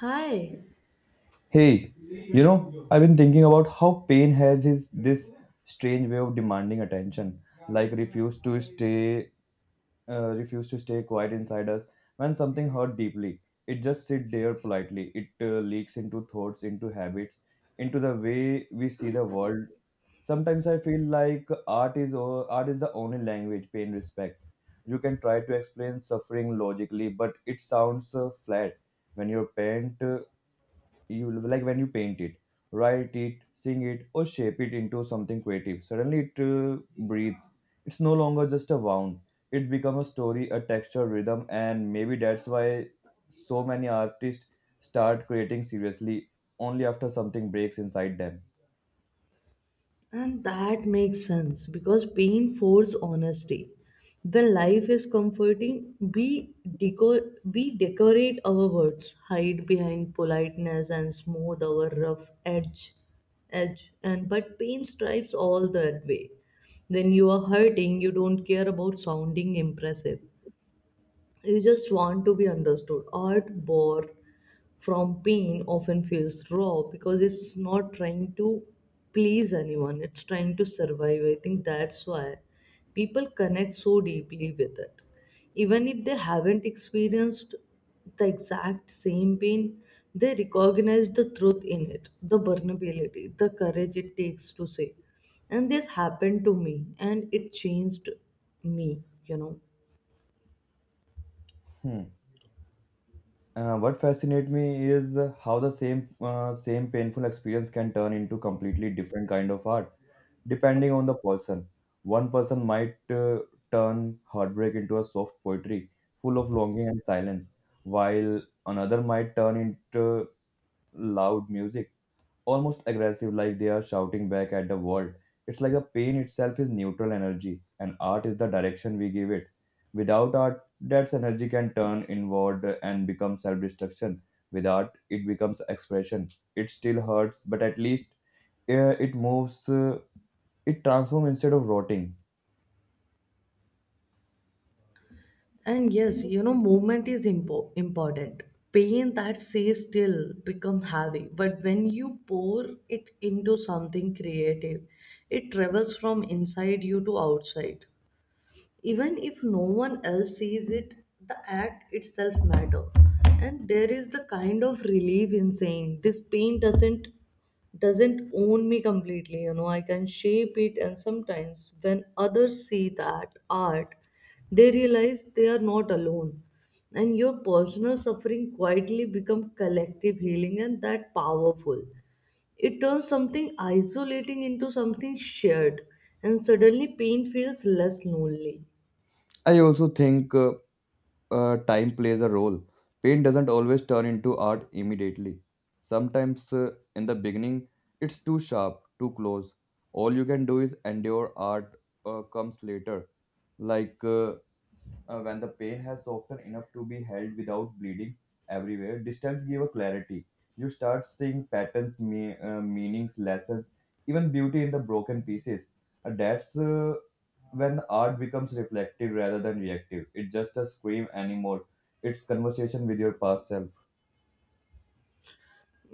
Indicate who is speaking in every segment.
Speaker 1: Hi,
Speaker 2: Hey, you know, I've been thinking about how pain has his this strange way of demanding attention, like refuse to stay quiet inside us. When something hurt deeply, it just sit there politely. It leaks into thoughts, into habits, into the way we see the world. Sometimes I feel like art is the only language pain respect. You can try to explain suffering logically, but it sounds flat when your pain, you like when you paint it, write it, sing it, or shape it into something creative, suddenly it breathes. It's no longer just a wound, it becomes a story, a texture, rhythm, and maybe that's why so many artists start creating seriously only after something breaks inside them.
Speaker 1: and that makes sense because pain forces honesty. When life is comforting, we decorate our words, hide behind politeness, and smooth our rough edge. Edge and but pain stripes all that way. When you are hurting, you don't care about sounding impressive. You just want to be understood. Art bore from pain often feels raw because it's not trying to please anyone, it's trying to survive. I think that's why people connect so deeply with it. Even if they haven't experienced the exact same pain, they recognize the truth in it, the vulnerability, the courage it takes to say. And this happened to me, and it changed me, you know.
Speaker 2: Hmm. What fascinates me is how the same painful experience can turn into completely different kind of art depending on the person. One person might turn heartbreak into a soft poetry full of longing and silence, while another might turn into loud music, almost aggressive, like they are shouting back at the world. It's like a pain itself is neutral energy, and art is the direction we give it. Without art, that energy can turn inward and become self destruction. With art, it becomes expression. It still hurts, but at least it moves. It transforms instead of rotting.
Speaker 1: And yes, you know, movement is important. Pain that stays still become heavy, but when you pour it into something creative, it travels from inside you to outside, even if no one else sees it. The act itself matter, and there is the kind of relief in saying this pain doesn't own me completely, you know. I can shape it, and sometimes when others see that art, they realize they are not alone, and your personal suffering quietly become collective healing, and that powerful. It turns something isolating into something shared, and suddenly pain feels less lonely.
Speaker 2: I also think, time plays a role. Paint doesn't always turn into art immediately. Sometimes in the beginning, it's too sharp, too close. All you can do is endure. Art comes later. Like when the pain has softened enough to be held without bleeding everywhere. Distance gives a clarity. You start seeing patterns, meanings, lessons, even beauty in the broken pieces. That's when art becomes reflective rather than reactive. It's just a scream anymore. It's conversation with your past self.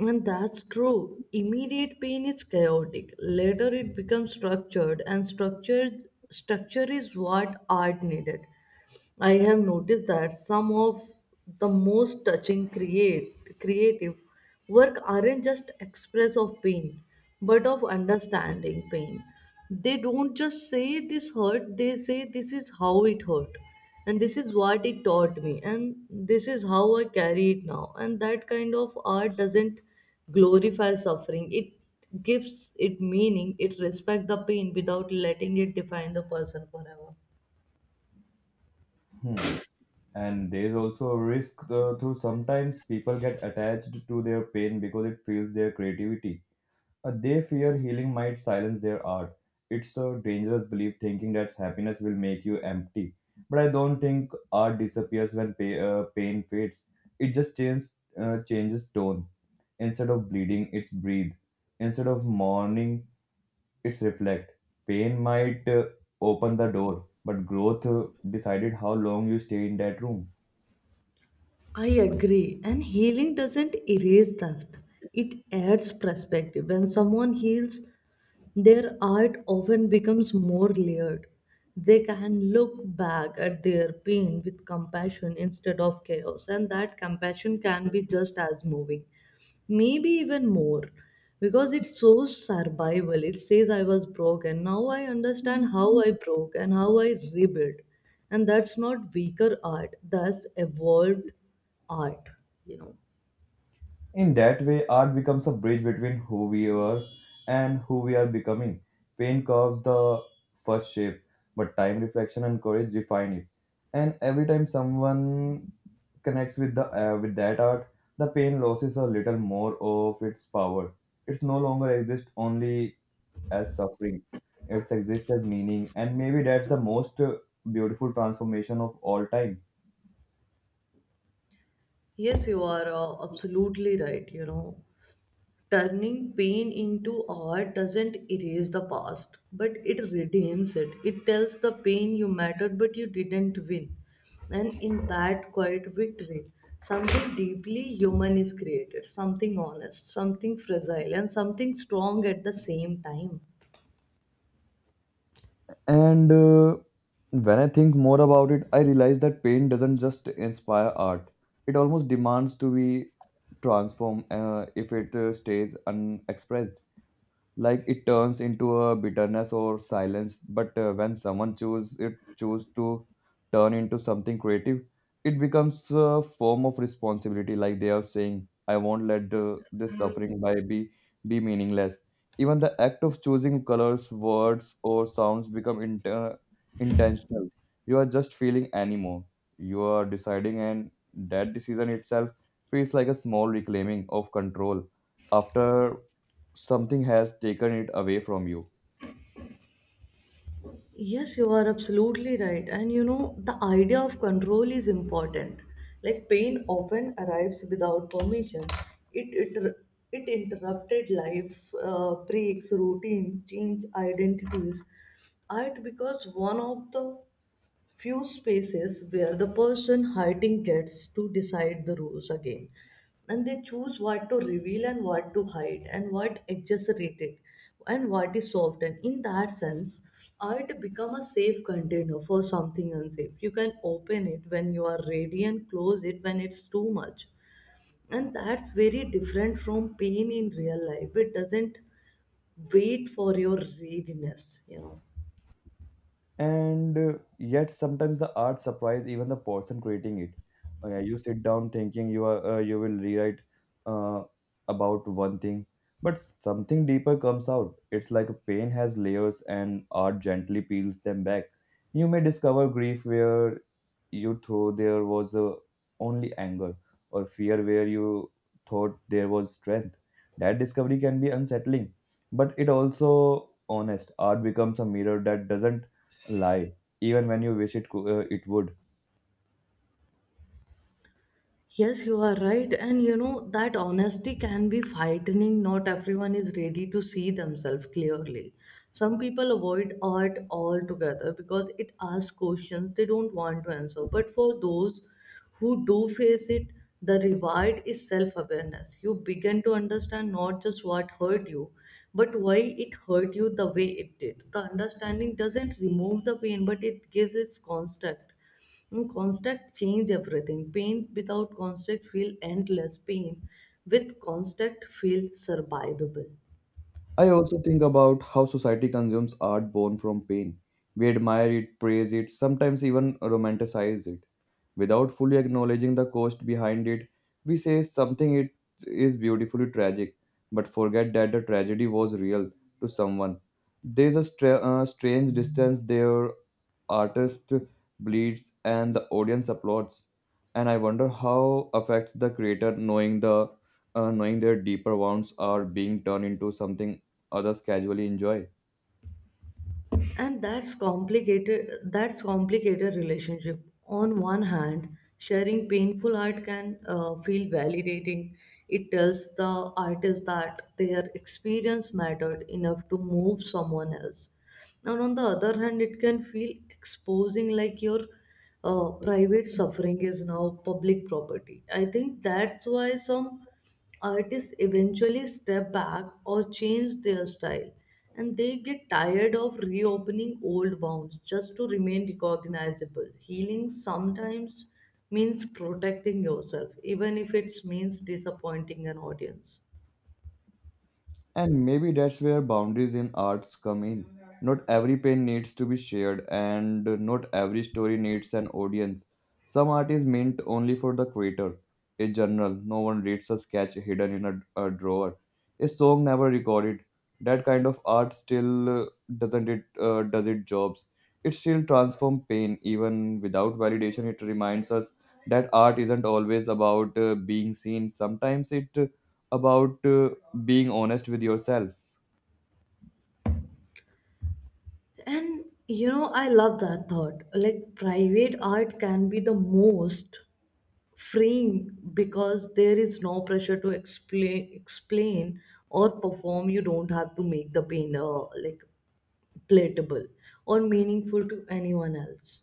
Speaker 1: And that's true. Immediate pain is chaotic. Later it becomes structured, and structure is what art needed. I have noticed that some of the most touching create creative work aren't just express of pain but of understanding pain. They don't just say this hurt, they say this is how it hurt, and this is what it taught me, and this is how I carry it now. And that kind of art doesn't glorify suffering. It gives it meaning. It respects the pain without letting it define the person forever.
Speaker 2: Hmm. And there's also a risk through sometimes people get attached to their pain because it fuels their creativity. They fear healing might silence their art. It's a dangerous belief thinking that happiness will make you empty. But I don't think art disappears when pain fades. It just changes, changes tone. Instead of bleeding, it's breathe. Instead of mourning, it's reflect. Pain might open the door, but growth decided how long you stay in that room.
Speaker 1: I agree, and healing doesn't erase theft, it adds perspective. When someone heals, their art often becomes more layered. They can look back at their pain with compassion instead of chaos, and that compassion can be just as moving, maybe even more, because it's so survival. It says I was broke and now I understand how I broke and how I rebuilt, and that's not weaker art, that's evolved art, you know.
Speaker 2: In that way, art becomes a bridge between who we were and who we are becoming. Pain carves the first shape, but time, reflection, and courage define it. And every time someone connects with the with that art, the pain loses a little more of its power. It's no longer exists only as suffering. It exists as meaning, and maybe that's the most beautiful transformation of all time.
Speaker 1: Yes, you are absolutely right, you know. Turning pain into art doesn't erase the past, but it redeems it. It tells the pain you mattered, but you didn't win. And in that quiet victory, something deeply human is created, something honest, something fragile, and something strong at the same time.
Speaker 2: And when I think more about it, I realize that pain doesn't just inspire art, it almost demands to be transformed if it stays unexpressed, like it turns into a bitterness or silence. But when someone choose to turn into something creative, it becomes a form of responsibility, like they are saying I won't let this suffering by be meaningless. Even the act of choosing colors, words, or sounds become intentional. You are just feeling anymore, you are deciding, and that decision itself feels like a small reclaiming of control after something has taken it away from you.
Speaker 1: Yes, you are absolutely right. And you know, the idea of control is important. Like pain often arrives without permission. It it it interrupted life, breaks routines, change identities. Art because one of the few spaces where the person hurting gets to decide the rules again, and they choose what to reveal and what to hide and what exaggerated and what is soft. And in that sense, art become a safe container for something unsafe. You can open it when you are ready and close it when it's too much, and that's very different from pain in real life. It doesn't wait for your readiness, you know.
Speaker 2: And yet sometimes the art surprise even the person creating it. Yeah, you sit down thinking you are you will rewrite uh, about one thing, but something deeper comes out. It's like a pain has layers and art gently peels them back. You may discover grief where you thought there was only anger, or fear where you thought there was strength. That discovery can be unsettling, but it also honest. Art becomes a mirror that doesn't lie even when you wish it would.
Speaker 1: Yes, you are right. And you know, that honesty can be frightening. Not everyone is ready to see themselves clearly. Some people avoid art altogether because it asks questions they don't want to answer. But for those who do face it, the reward is self awareness. You begin to understand not just what hurt you, but why it hurt you the way it did. The understanding doesn't remove the pain, but it gives its construct, and constant change everything. Paint without constant feel endless. Pain with constant feel survivable.
Speaker 2: I also think about how society consumes art born from pain. We admire it, praise it, sometimes even romanticize it without fully acknowledging the cost behind it. We say something it is beautifully tragic, but forget that the tragedy was real to someone. There's a strange distance there. Artist bleeds and the audience applauds, and I wonder how affects the creator knowing the knowing their deeper wounds are being turned into something others casually enjoy.
Speaker 1: And that's complicated, that's complicated relationship. On one hand, sharing painful art can feel validating. It tells the artist that their experience mattered enough to move someone else, and on the other hand it can feel exposing, like your private suffering is now public property. I think that's why some artists eventually step back or change their style, and they get tired of reopening old wounds just to remain recognizable. Healing sometimes means protecting yourself even if it means disappointing an audience.
Speaker 2: And maybe that's where boundaries in arts come in. Not every pain needs to be shared, and not every story needs an audience. Some art is meant only for the creator. A journal no one reads, a sketch hidden in a drawer. A song never recorded. That kind of art still doesn't it does it jobs. It still transforms pain even without validation. It reminds us that art isn't always about being seen. Sometimes it about being honest with yourself.
Speaker 1: And you know, I love that thought. Like private art can be the most freeing, because there is no pressure to explain or perform. You don't have to make the painter like relatable or meaningful to anyone else.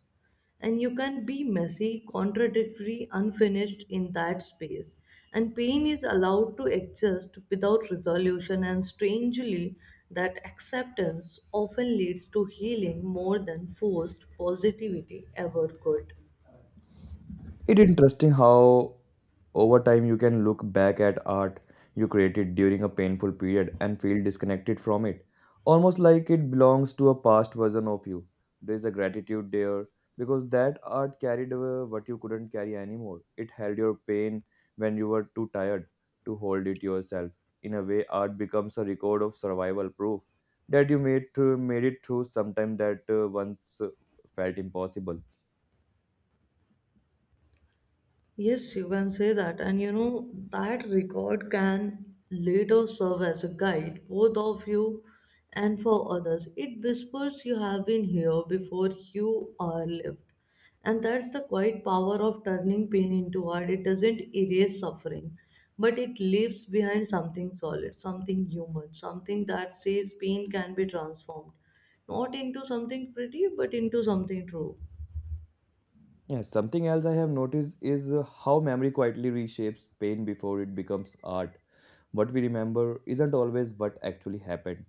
Speaker 1: And you can be messy, contradictory, unfinished in that space. And pain is allowed to exist without resolution, and strangely, that acceptance often leads to healing more than forced positivity ever could.
Speaker 2: It's interesting how over time you can look back at art you created during a painful period and feel disconnected from it, almost like it belongs to a past version of you. There's a gratitude there because that art carried away what you couldn't carry anymore. It held your pain when you were too tired to hold it yourself. In a way, art becomes a record of survival, proof that you made it through sometime that once felt impossible.
Speaker 1: Yes, you can say that. And you know, that record can later serve as a guide, both of you and for others. It whispers you have been here before, you are lived. And that's the quiet power of turning pain into art. It doesn't erase suffering, but it leaves behind something solid, something human, something that says pain can be transformed. Not into something pretty, but into something true.
Speaker 2: Yeah, something else I have noticed is how memory quietly reshapes pain before it becomes art. What we remember isn't always what actually happened,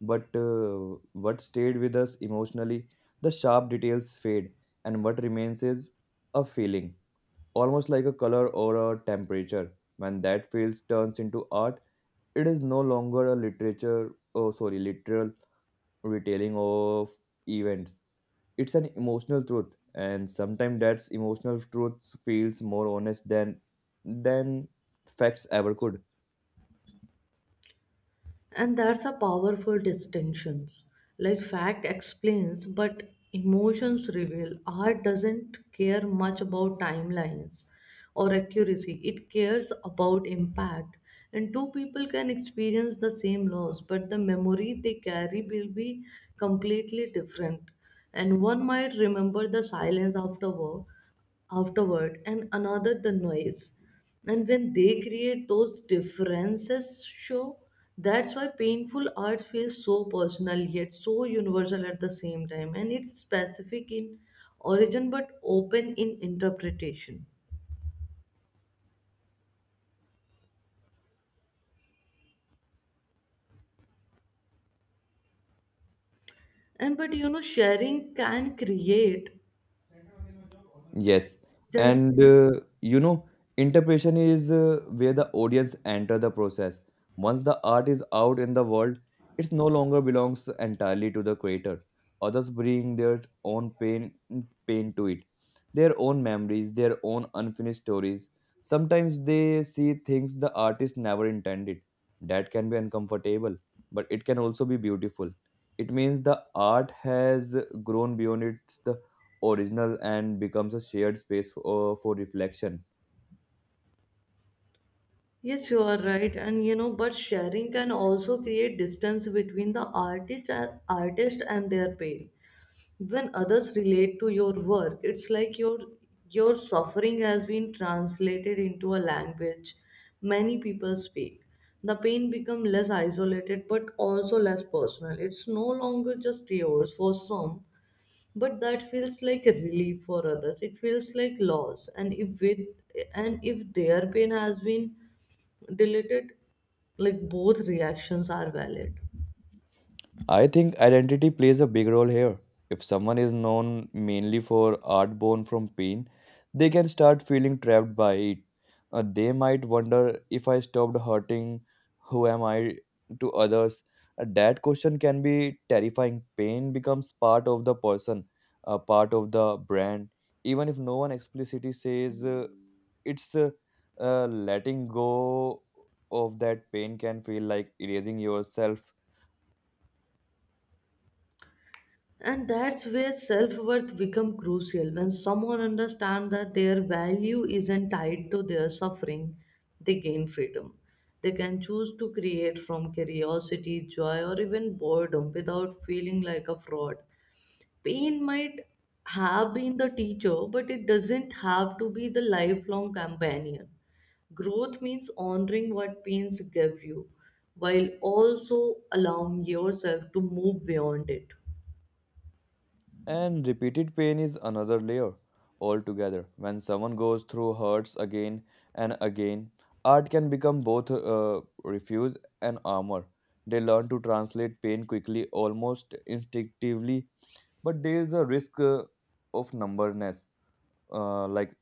Speaker 2: but what stayed with us emotionally. The sharp details fade, and what remains is a feeling, almost like a color or a temperature. When that feels turns into art, it is no longer a literature, oh sorry, literal retelling of events. It's an emotional truth, and sometimes that emotional truth feels more honest than than facts ever could.
Speaker 1: And that's a powerful distinction. Like fact explains, but emotions reveal. Art doesn't care much about timelines or accuracy. It cares about impact. And two people can experience the same loss, but the memory they carry will be completely different. And one might remember the silence after war, afterward, and another the noise. And when they create, those differences show. That's why painful art feels so personal yet so universal at the same time, and it's specific in origin but open in interpretation. And but you know, sharing can create
Speaker 2: Yes,
Speaker 1: distance.
Speaker 2: and you know, interpretation is where the audience enter the process. Once the art is out in the world, it no longer belongs entirely to the creator. Others bring their own pain to it, their own memories, their own unfinished stories. Sometimes they see things the artist never intended. That can be uncomfortable, but it can also be beautiful. It means the art has grown beyond its original and becomes a shared space for reflection.
Speaker 1: Yes, you are right, and you know, but sharing can also create distance between the artist and their pain. When others relate to your work, it's like your suffering has been translated into a language many people speak. The pain becomes less isolated but also less personal. It's no longer just yours. For some, but that feels like a relief. For others, it feels like loss. And if their pain has been deleted. Like both reactions are valid.
Speaker 2: I think identity plays a big role here. If someone is known mainly for art born from pain, they can start feeling trapped by it. They might wonder if I stopped hurting, who am I to others? That question can be terrifying. Pain becomes part of the person, a part of the brand. Even if no one explicitly says it's letting go of that pain can feel like erasing yourself.
Speaker 1: And that's where self worth becomes crucial. When someone understands that their value isn't tied to their suffering, they gain freedom. They can choose to create from curiosity, joy, or even boredom without feeling like a fraud. Pain might have been the teacher, but it doesn't have to be the lifelong companion. Growth means honoring what pains gave you while also allowing yourself to move beyond it.
Speaker 2: And repeated pain is another layer altogether. When someone goes through hurts again and again, art can become both refuse and armor. They learn to translate pain quickly, almost instinctively, but there is a risk of numbness, uh, like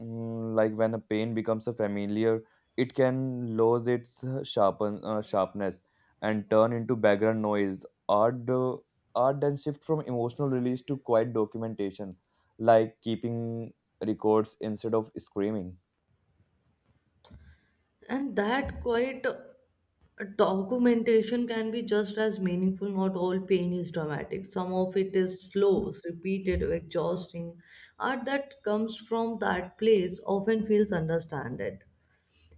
Speaker 2: Like when a pain becomes a familiar, it can lose its sharpen sharpness and turn into background noise. Art then shift from emotional release to quiet documentation, like keeping records instead of screaming.
Speaker 1: And that quite documentation can be just as meaningful. Not all pain is dramatic, some of it is slow, repeated, exhausting. Art that comes from that place often feels understood,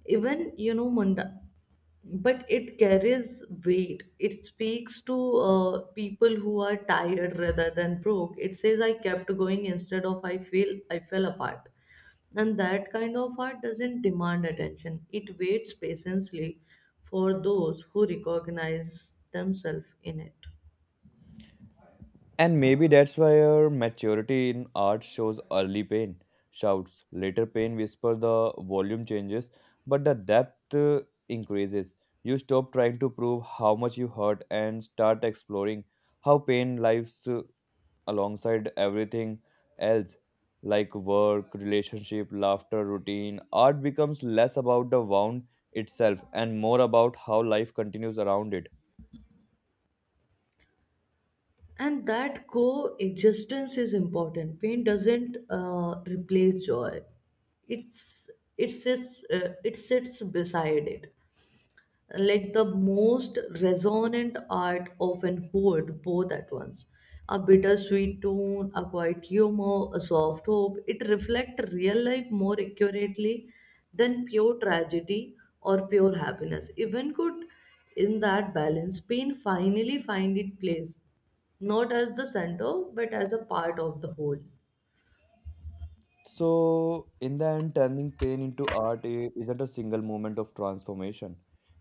Speaker 1: even, you know, munda, but it carries weight. It speaks to people who are tired rather than broke. It says I kept going instead of I fell apart, and that kind of art doesn't demand attention. It waits patiently for those who recognize themselves in it.
Speaker 2: And maybe that's why our maturity in art shows early pain, shouts, later pain whisper. The volume changes, but the depth increases. You stop trying to prove how much you hurt and start exploring how pain lives alongside everything else, like work, relationship, laughter, routine. Art becomes less about the wound itself and more about how life continues around it.
Speaker 1: And that coexistence is important. Pain doesn't replace joy. It's, it sits beside it. Like the most resonant art often hold both at once, a bittersweet tone, a quiet humor, a soft hope. It reflects real life more accurately than pure tragedy or pure happiness even could. In that balance, pain finally find its place, not as the center but as a part of the whole.
Speaker 2: So, in the end, turning pain into isn't a single moment of transformation.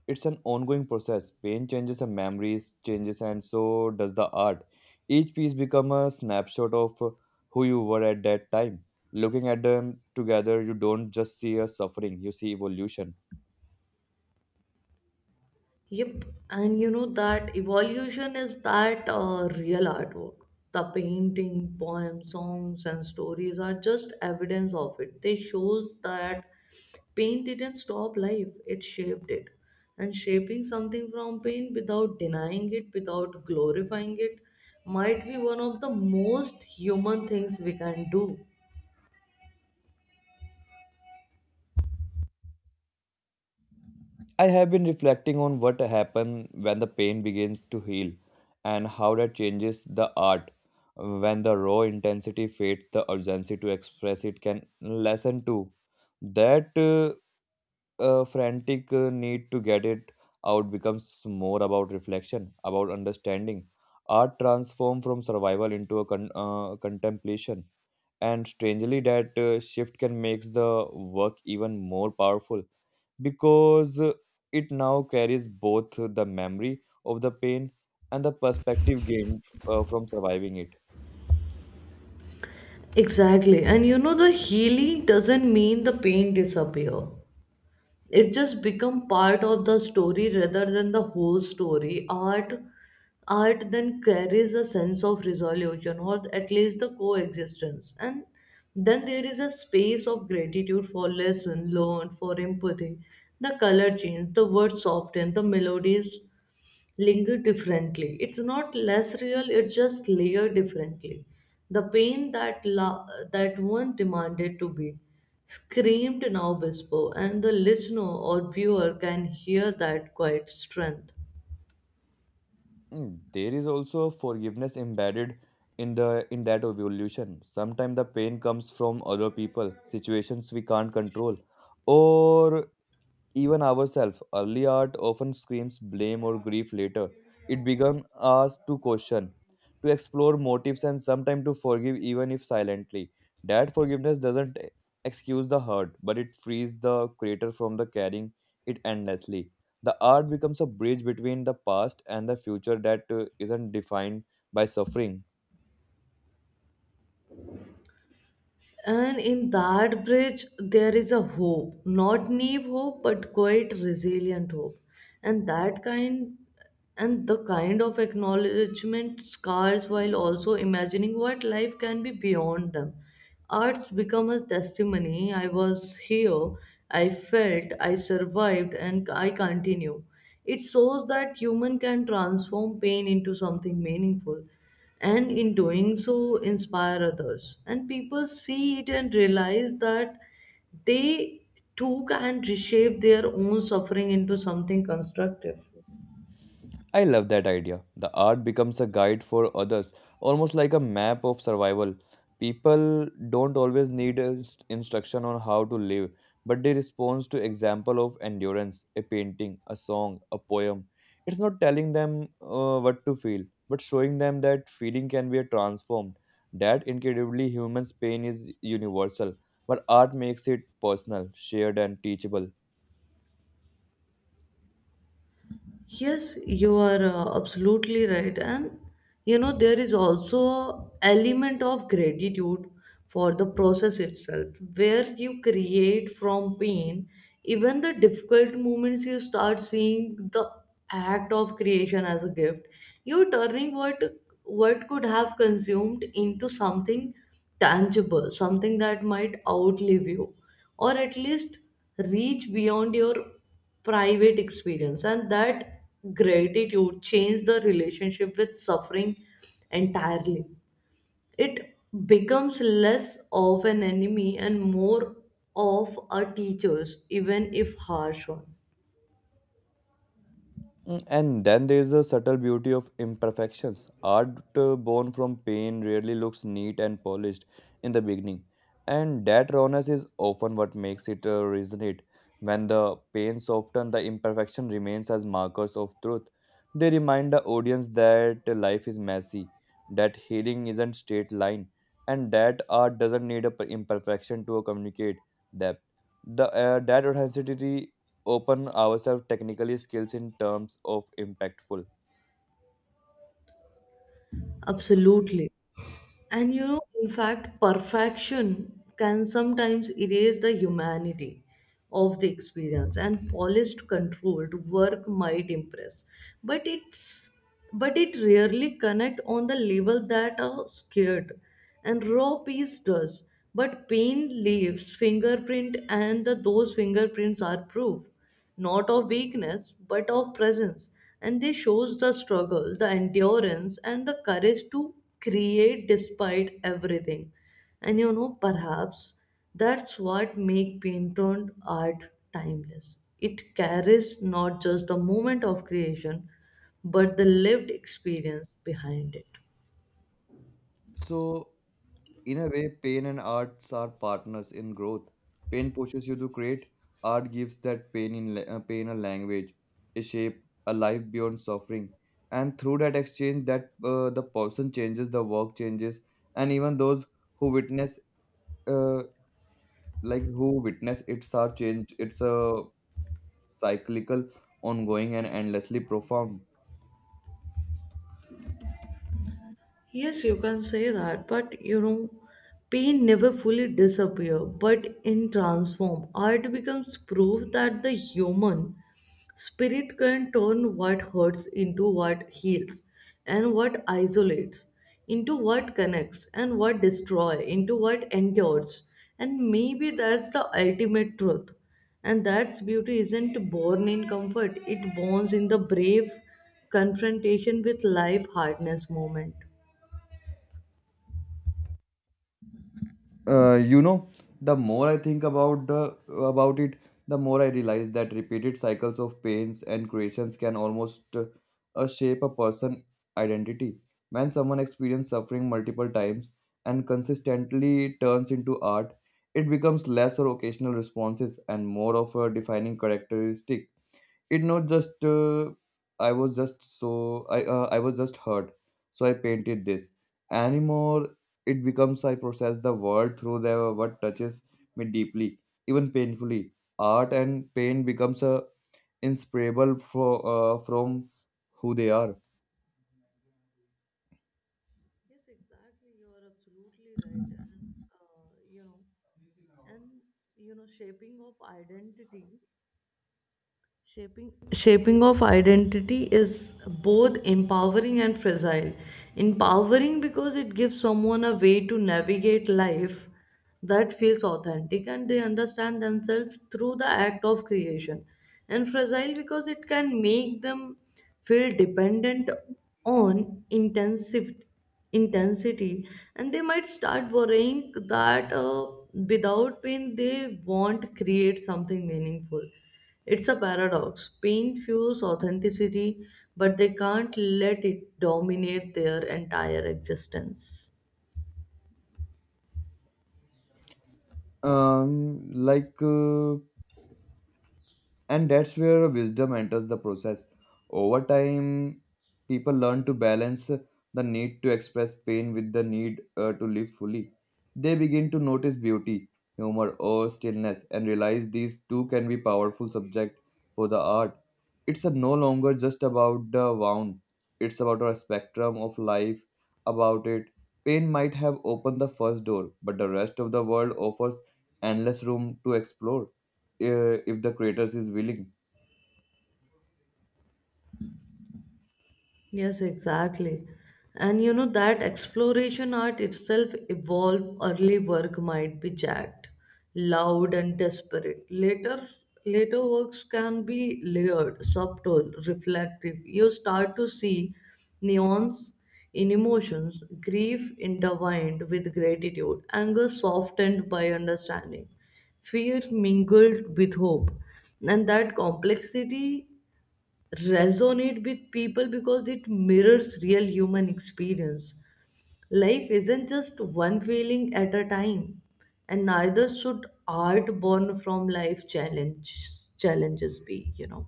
Speaker 2: It's an ongoing process. Pain changes and memories changes, and so does the art. Each piece become a snapshot of who you were at that time. Looking at them together, you don't just see a suffering, you see evolution.
Speaker 1: Yep, and you know that evolution is that real artwork. The painting, poems, songs, and stories are just evidence of it. They shows that pain didn't stop life; it shaped it, and shaping something from pain without denying it, without glorifying it, might be one of the most human things we can do.
Speaker 2: I have been reflecting on what happens when the pain begins to heal and how that changes the art. When the raw intensity fades, the urgency to express it can lessen too. That frantic need to get it out becomes more about reflection, about understanding. Art transforms from survival into a contemplation, and strangely that shift can make the work even more powerful because it now carries both the memory of the pain and the perspective gained from surviving it.
Speaker 1: Exactly, and you know the healing doesn't mean the pain disappear. It just become part of the story rather than the whole story. Art then carries a sense of resolution, or at least the coexistence, and then there is a space of gratitude for lesson learned, for empathy. The color change, the words soften, the melodies linger differently. It's not less real, it's just layered differently. The pain that that one demanded to be screamed now whisper, and the listener or viewer can hear that quiet strength.
Speaker 2: Mm, there is also forgiveness embedded in that evolution. Sometimes the pain comes from other people, situations we can't control, or even ourselves. Early art often screams blame or grief. Later, it becomes us to question, to explore motives, and sometimes to forgive, even if silently. That forgiveness doesn't excuse the hurt, but it frees the creator from the carrying it endlessly. The art becomes a bridge between the past and the future that isn't defined by suffering.
Speaker 1: And in that bridge, there is a hope, not naive hope, but quite resilient hope. And that kind and the kind of acknowledgement scars while also imagining what life can be beyond them. Arts become a testimony. I was here, I felt, I survived, and I continue. It shows that human can transform pain into something meaningful, and in doing so inspire others, and people see it and realize that they too can reshape their own suffering into something constructive.
Speaker 2: I love that idea. The art becomes a guide for others, almost like a map of survival. People don't always need a instruction on how to live, but they respond to example of endurance, a painting, a song, a poem. It's not telling them what to feel, but showing them that feeling can be transformed. That incredibly human's pain is universal, but art makes it personal, shared, and teachable.
Speaker 1: Yes, you are absolutely right. And you know, there is also element of gratitude for the process itself. Where you create from pain, even the difficult moments, you start seeing the act of creation as a gift. You're turning what could have consumed into something tangible, something that might outlive you, or at least reach beyond your private experience. And that gratitude changed the relationship with suffering entirely. It becomes less of an enemy and more of a teacher's, even if harsh one.
Speaker 2: Mm, and then there is a subtle beauty of imperfections. Art born from pain rarely looks neat and polished in the beginning, and that rawness is often what makes it resonate. When the pain softens, the imperfection remains as markers of truth. They remind the audience that life is messy, that healing isn't straight line, and that art doesn't need a imperfection to communicate depth. The That authenticity open ourselves technically skills in terms of impactful.
Speaker 1: Absolutely. And you know, in fact, perfection can sometimes erase the humanity of the experience, and polished controlled work might impress. But it's but it rarely connect on the level that are scared. And raw piece does. But pain leaves fingerprint, and the, those fingerprints are proof not of weakness but of presence, and they shows the struggle, the endurance, and the courage to create despite everything. And you know, perhaps that's what make painted art timeless. It carries not just the moment of creation but the lived experience behind it.
Speaker 2: So in a way, pain and arts are partners in growth. Pain pushes you to create. Art gives that pain a language, a shape, a life beyond suffering. And through that exchange, that the person changes, the work changes, and even those who witness, uh, who witness, it's are changed. It's a cyclical, ongoing, and endlessly profound.
Speaker 1: Yes, you can say that, but you know, pain never fully disappear, but in transform, art becomes proof that the human spirit can turn what hurts into what heals, and what isolates into what connects, and what destroy into what endures, and maybe that's the ultimate truth. And that's beauty isn't born in comfort; it borns in the brave confrontation with life hardness moment.
Speaker 2: You know, the more I think about it, the more I realize that repeated cycles of pains and creations can almost shape a person identity. When someone experiences suffering multiple times and consistently turns into art, it becomes less or occasional responses and more of a defining characteristic. It not just i was just so I was just hurt, so I painted this anymore. It becomes I process the world through the what touches me deeply, even painfully. Art and pain becomes a inseparable from who they are.
Speaker 1: Yes, exactly. You are absolutely right. And, you know, and, you know, shaping of identity. Shaping of identity is both empowering and fragile. Empowering because it gives someone a way to navigate life that feels authentic, and they understand themselves through the act of creation. And fragile because it can make them feel dependent on intensive intensity, and they might start worrying that without pain they won't create something meaningful. It's a paradox. Pain fuels authenticity, but they can't let it dominate their entire existence.
Speaker 2: Um like uh, and that's where wisdom enters the process. Over time, people learn to balance the need to express pain with the need to live fully. They begin to notice beauty, humor or stillness and realize these too can be powerful subject for the art. It's a no longer just about the wound, it's about a spectrum of life about it Pain might have opened the first door, but the rest of the world offers endless room to explore, if the creators is willing.
Speaker 1: Yes, exactly. And you know that exploration art itself evolved. Early work might be jagged, loud, and desperate. Later works can be layered, subtle, reflective. You start to see nuance in emotions, grief intertwined with gratitude, anger softened by understanding, fear mingled with hope. And that complexity resonate with people because it mirrors real human experience. Life isn't just one feeling at a time, and neither should art born from challenges be, you know.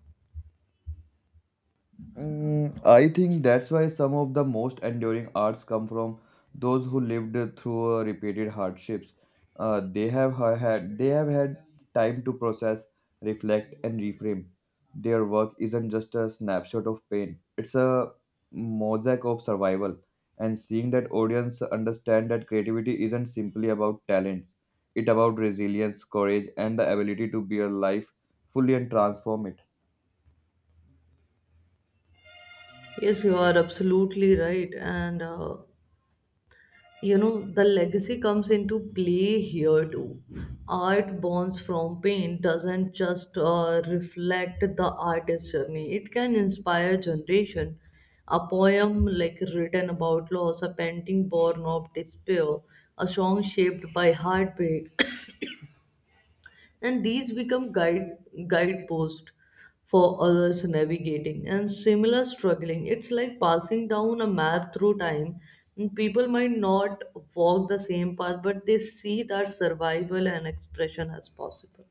Speaker 2: Mm, I think that's why some of the most enduring arts come from those who lived through repeated hardships. They have had time to process, reflect, and reframe. Their work isn't just a snapshot of pain; it's a mosaic of survival. And seeing that audience understand that creativity isn't simply about talent; it's about resilience, courage, and the ability to bear life fully and transform it.
Speaker 1: Yes, you are absolutely right. And you know, the legacy comes into play here too. Art borns from pain doesn't just reflect the artist's journey, it can inspire generation. A poem like written about loss, a painting born of despair, a song shaped by heartbreak, and these become guideposts for others navigating and similar struggling. It's like passing down a map through time. And people might not walk the same path, but they see that survival and expression as possible.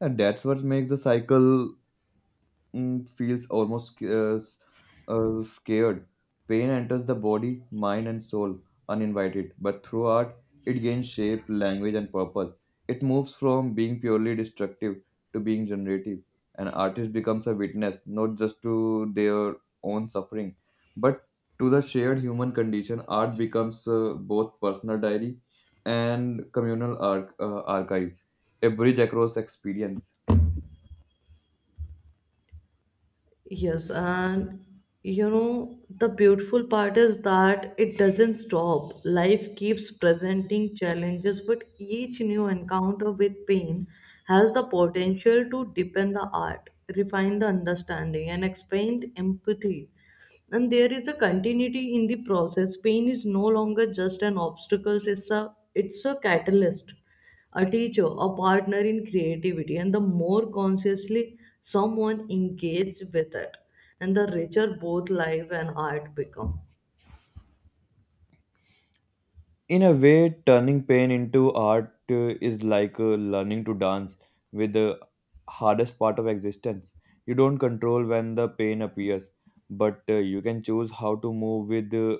Speaker 2: And that's what makes the cycle, mm, feels almost scared. Pain enters the body, mind, and soul uninvited, but through art, it gains shape, language, and purpose. It moves from being purely destructive to being generative. An artist becomes a witness not just to their own suffering, but to the shared human condition. Art becomes both personal diary and communal archive, a bridge across experience.
Speaker 1: Yes, and you know, the beautiful part is that it doesn't stop. Life keeps presenting challenges, but each new encounter with pain has the potential to deepen the art, refine the understanding, and expand empathy. And there is a continuity in the process. Pain is no longer just an obstacle, it's a catalyst, a teacher, a partner in creativity, and the more consciously someone engaged with it, and the richer both life and art become.
Speaker 2: In a way, turning pain into art is like learning to dance with the hardest part of existence. You don't control when the pain appears, but you can choose how to move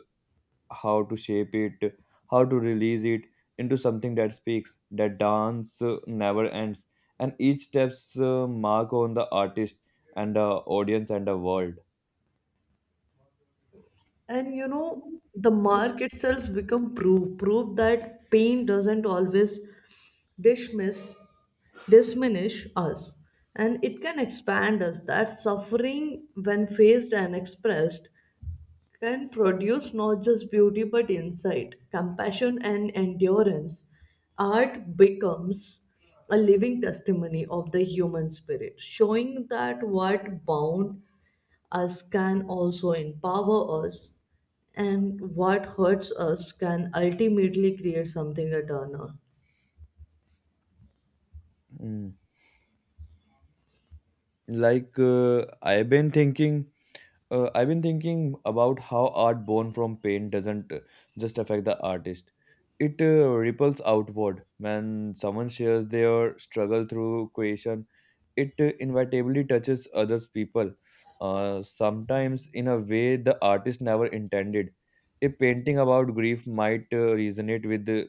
Speaker 2: how to shape it, how to release it into something that speaks. That dance never ends, and each step's mark on the artist and the audience and the world.
Speaker 1: And you know, the mark itself become proof, proof that pain doesn't always dismiss, diminish us, and it can expand us. That suffering, when faced and expressed, can produce not just beauty but insight, compassion, and endurance. Art becomes a living testimony of the human spirit, showing that what bound us can also empower us, and what hurts us can ultimately create something eternal.
Speaker 2: Mm. Like uh, I've been thinking I've been thinking about how art born from pain doesn't just affect the artist. It ripples outward. When someone shares their struggle through creation, it inevitably touches others people, sometimes in a way the artist never intended. A painting about grief might resonate with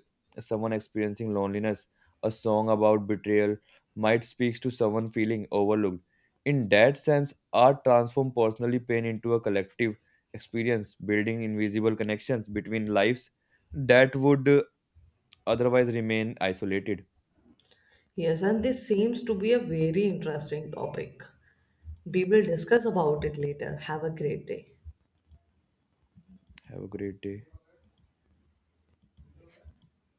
Speaker 2: someone experiencing loneliness. A song about betrayal might speaks to someone feeling overlooked. In that sense, art transforms personally pain into a collective experience, building invisible connections between lives that would otherwise remain isolated.
Speaker 1: Yes, and this seems to be a very interesting topic. We will discuss about it later. Have a great day.
Speaker 2: Have a great day.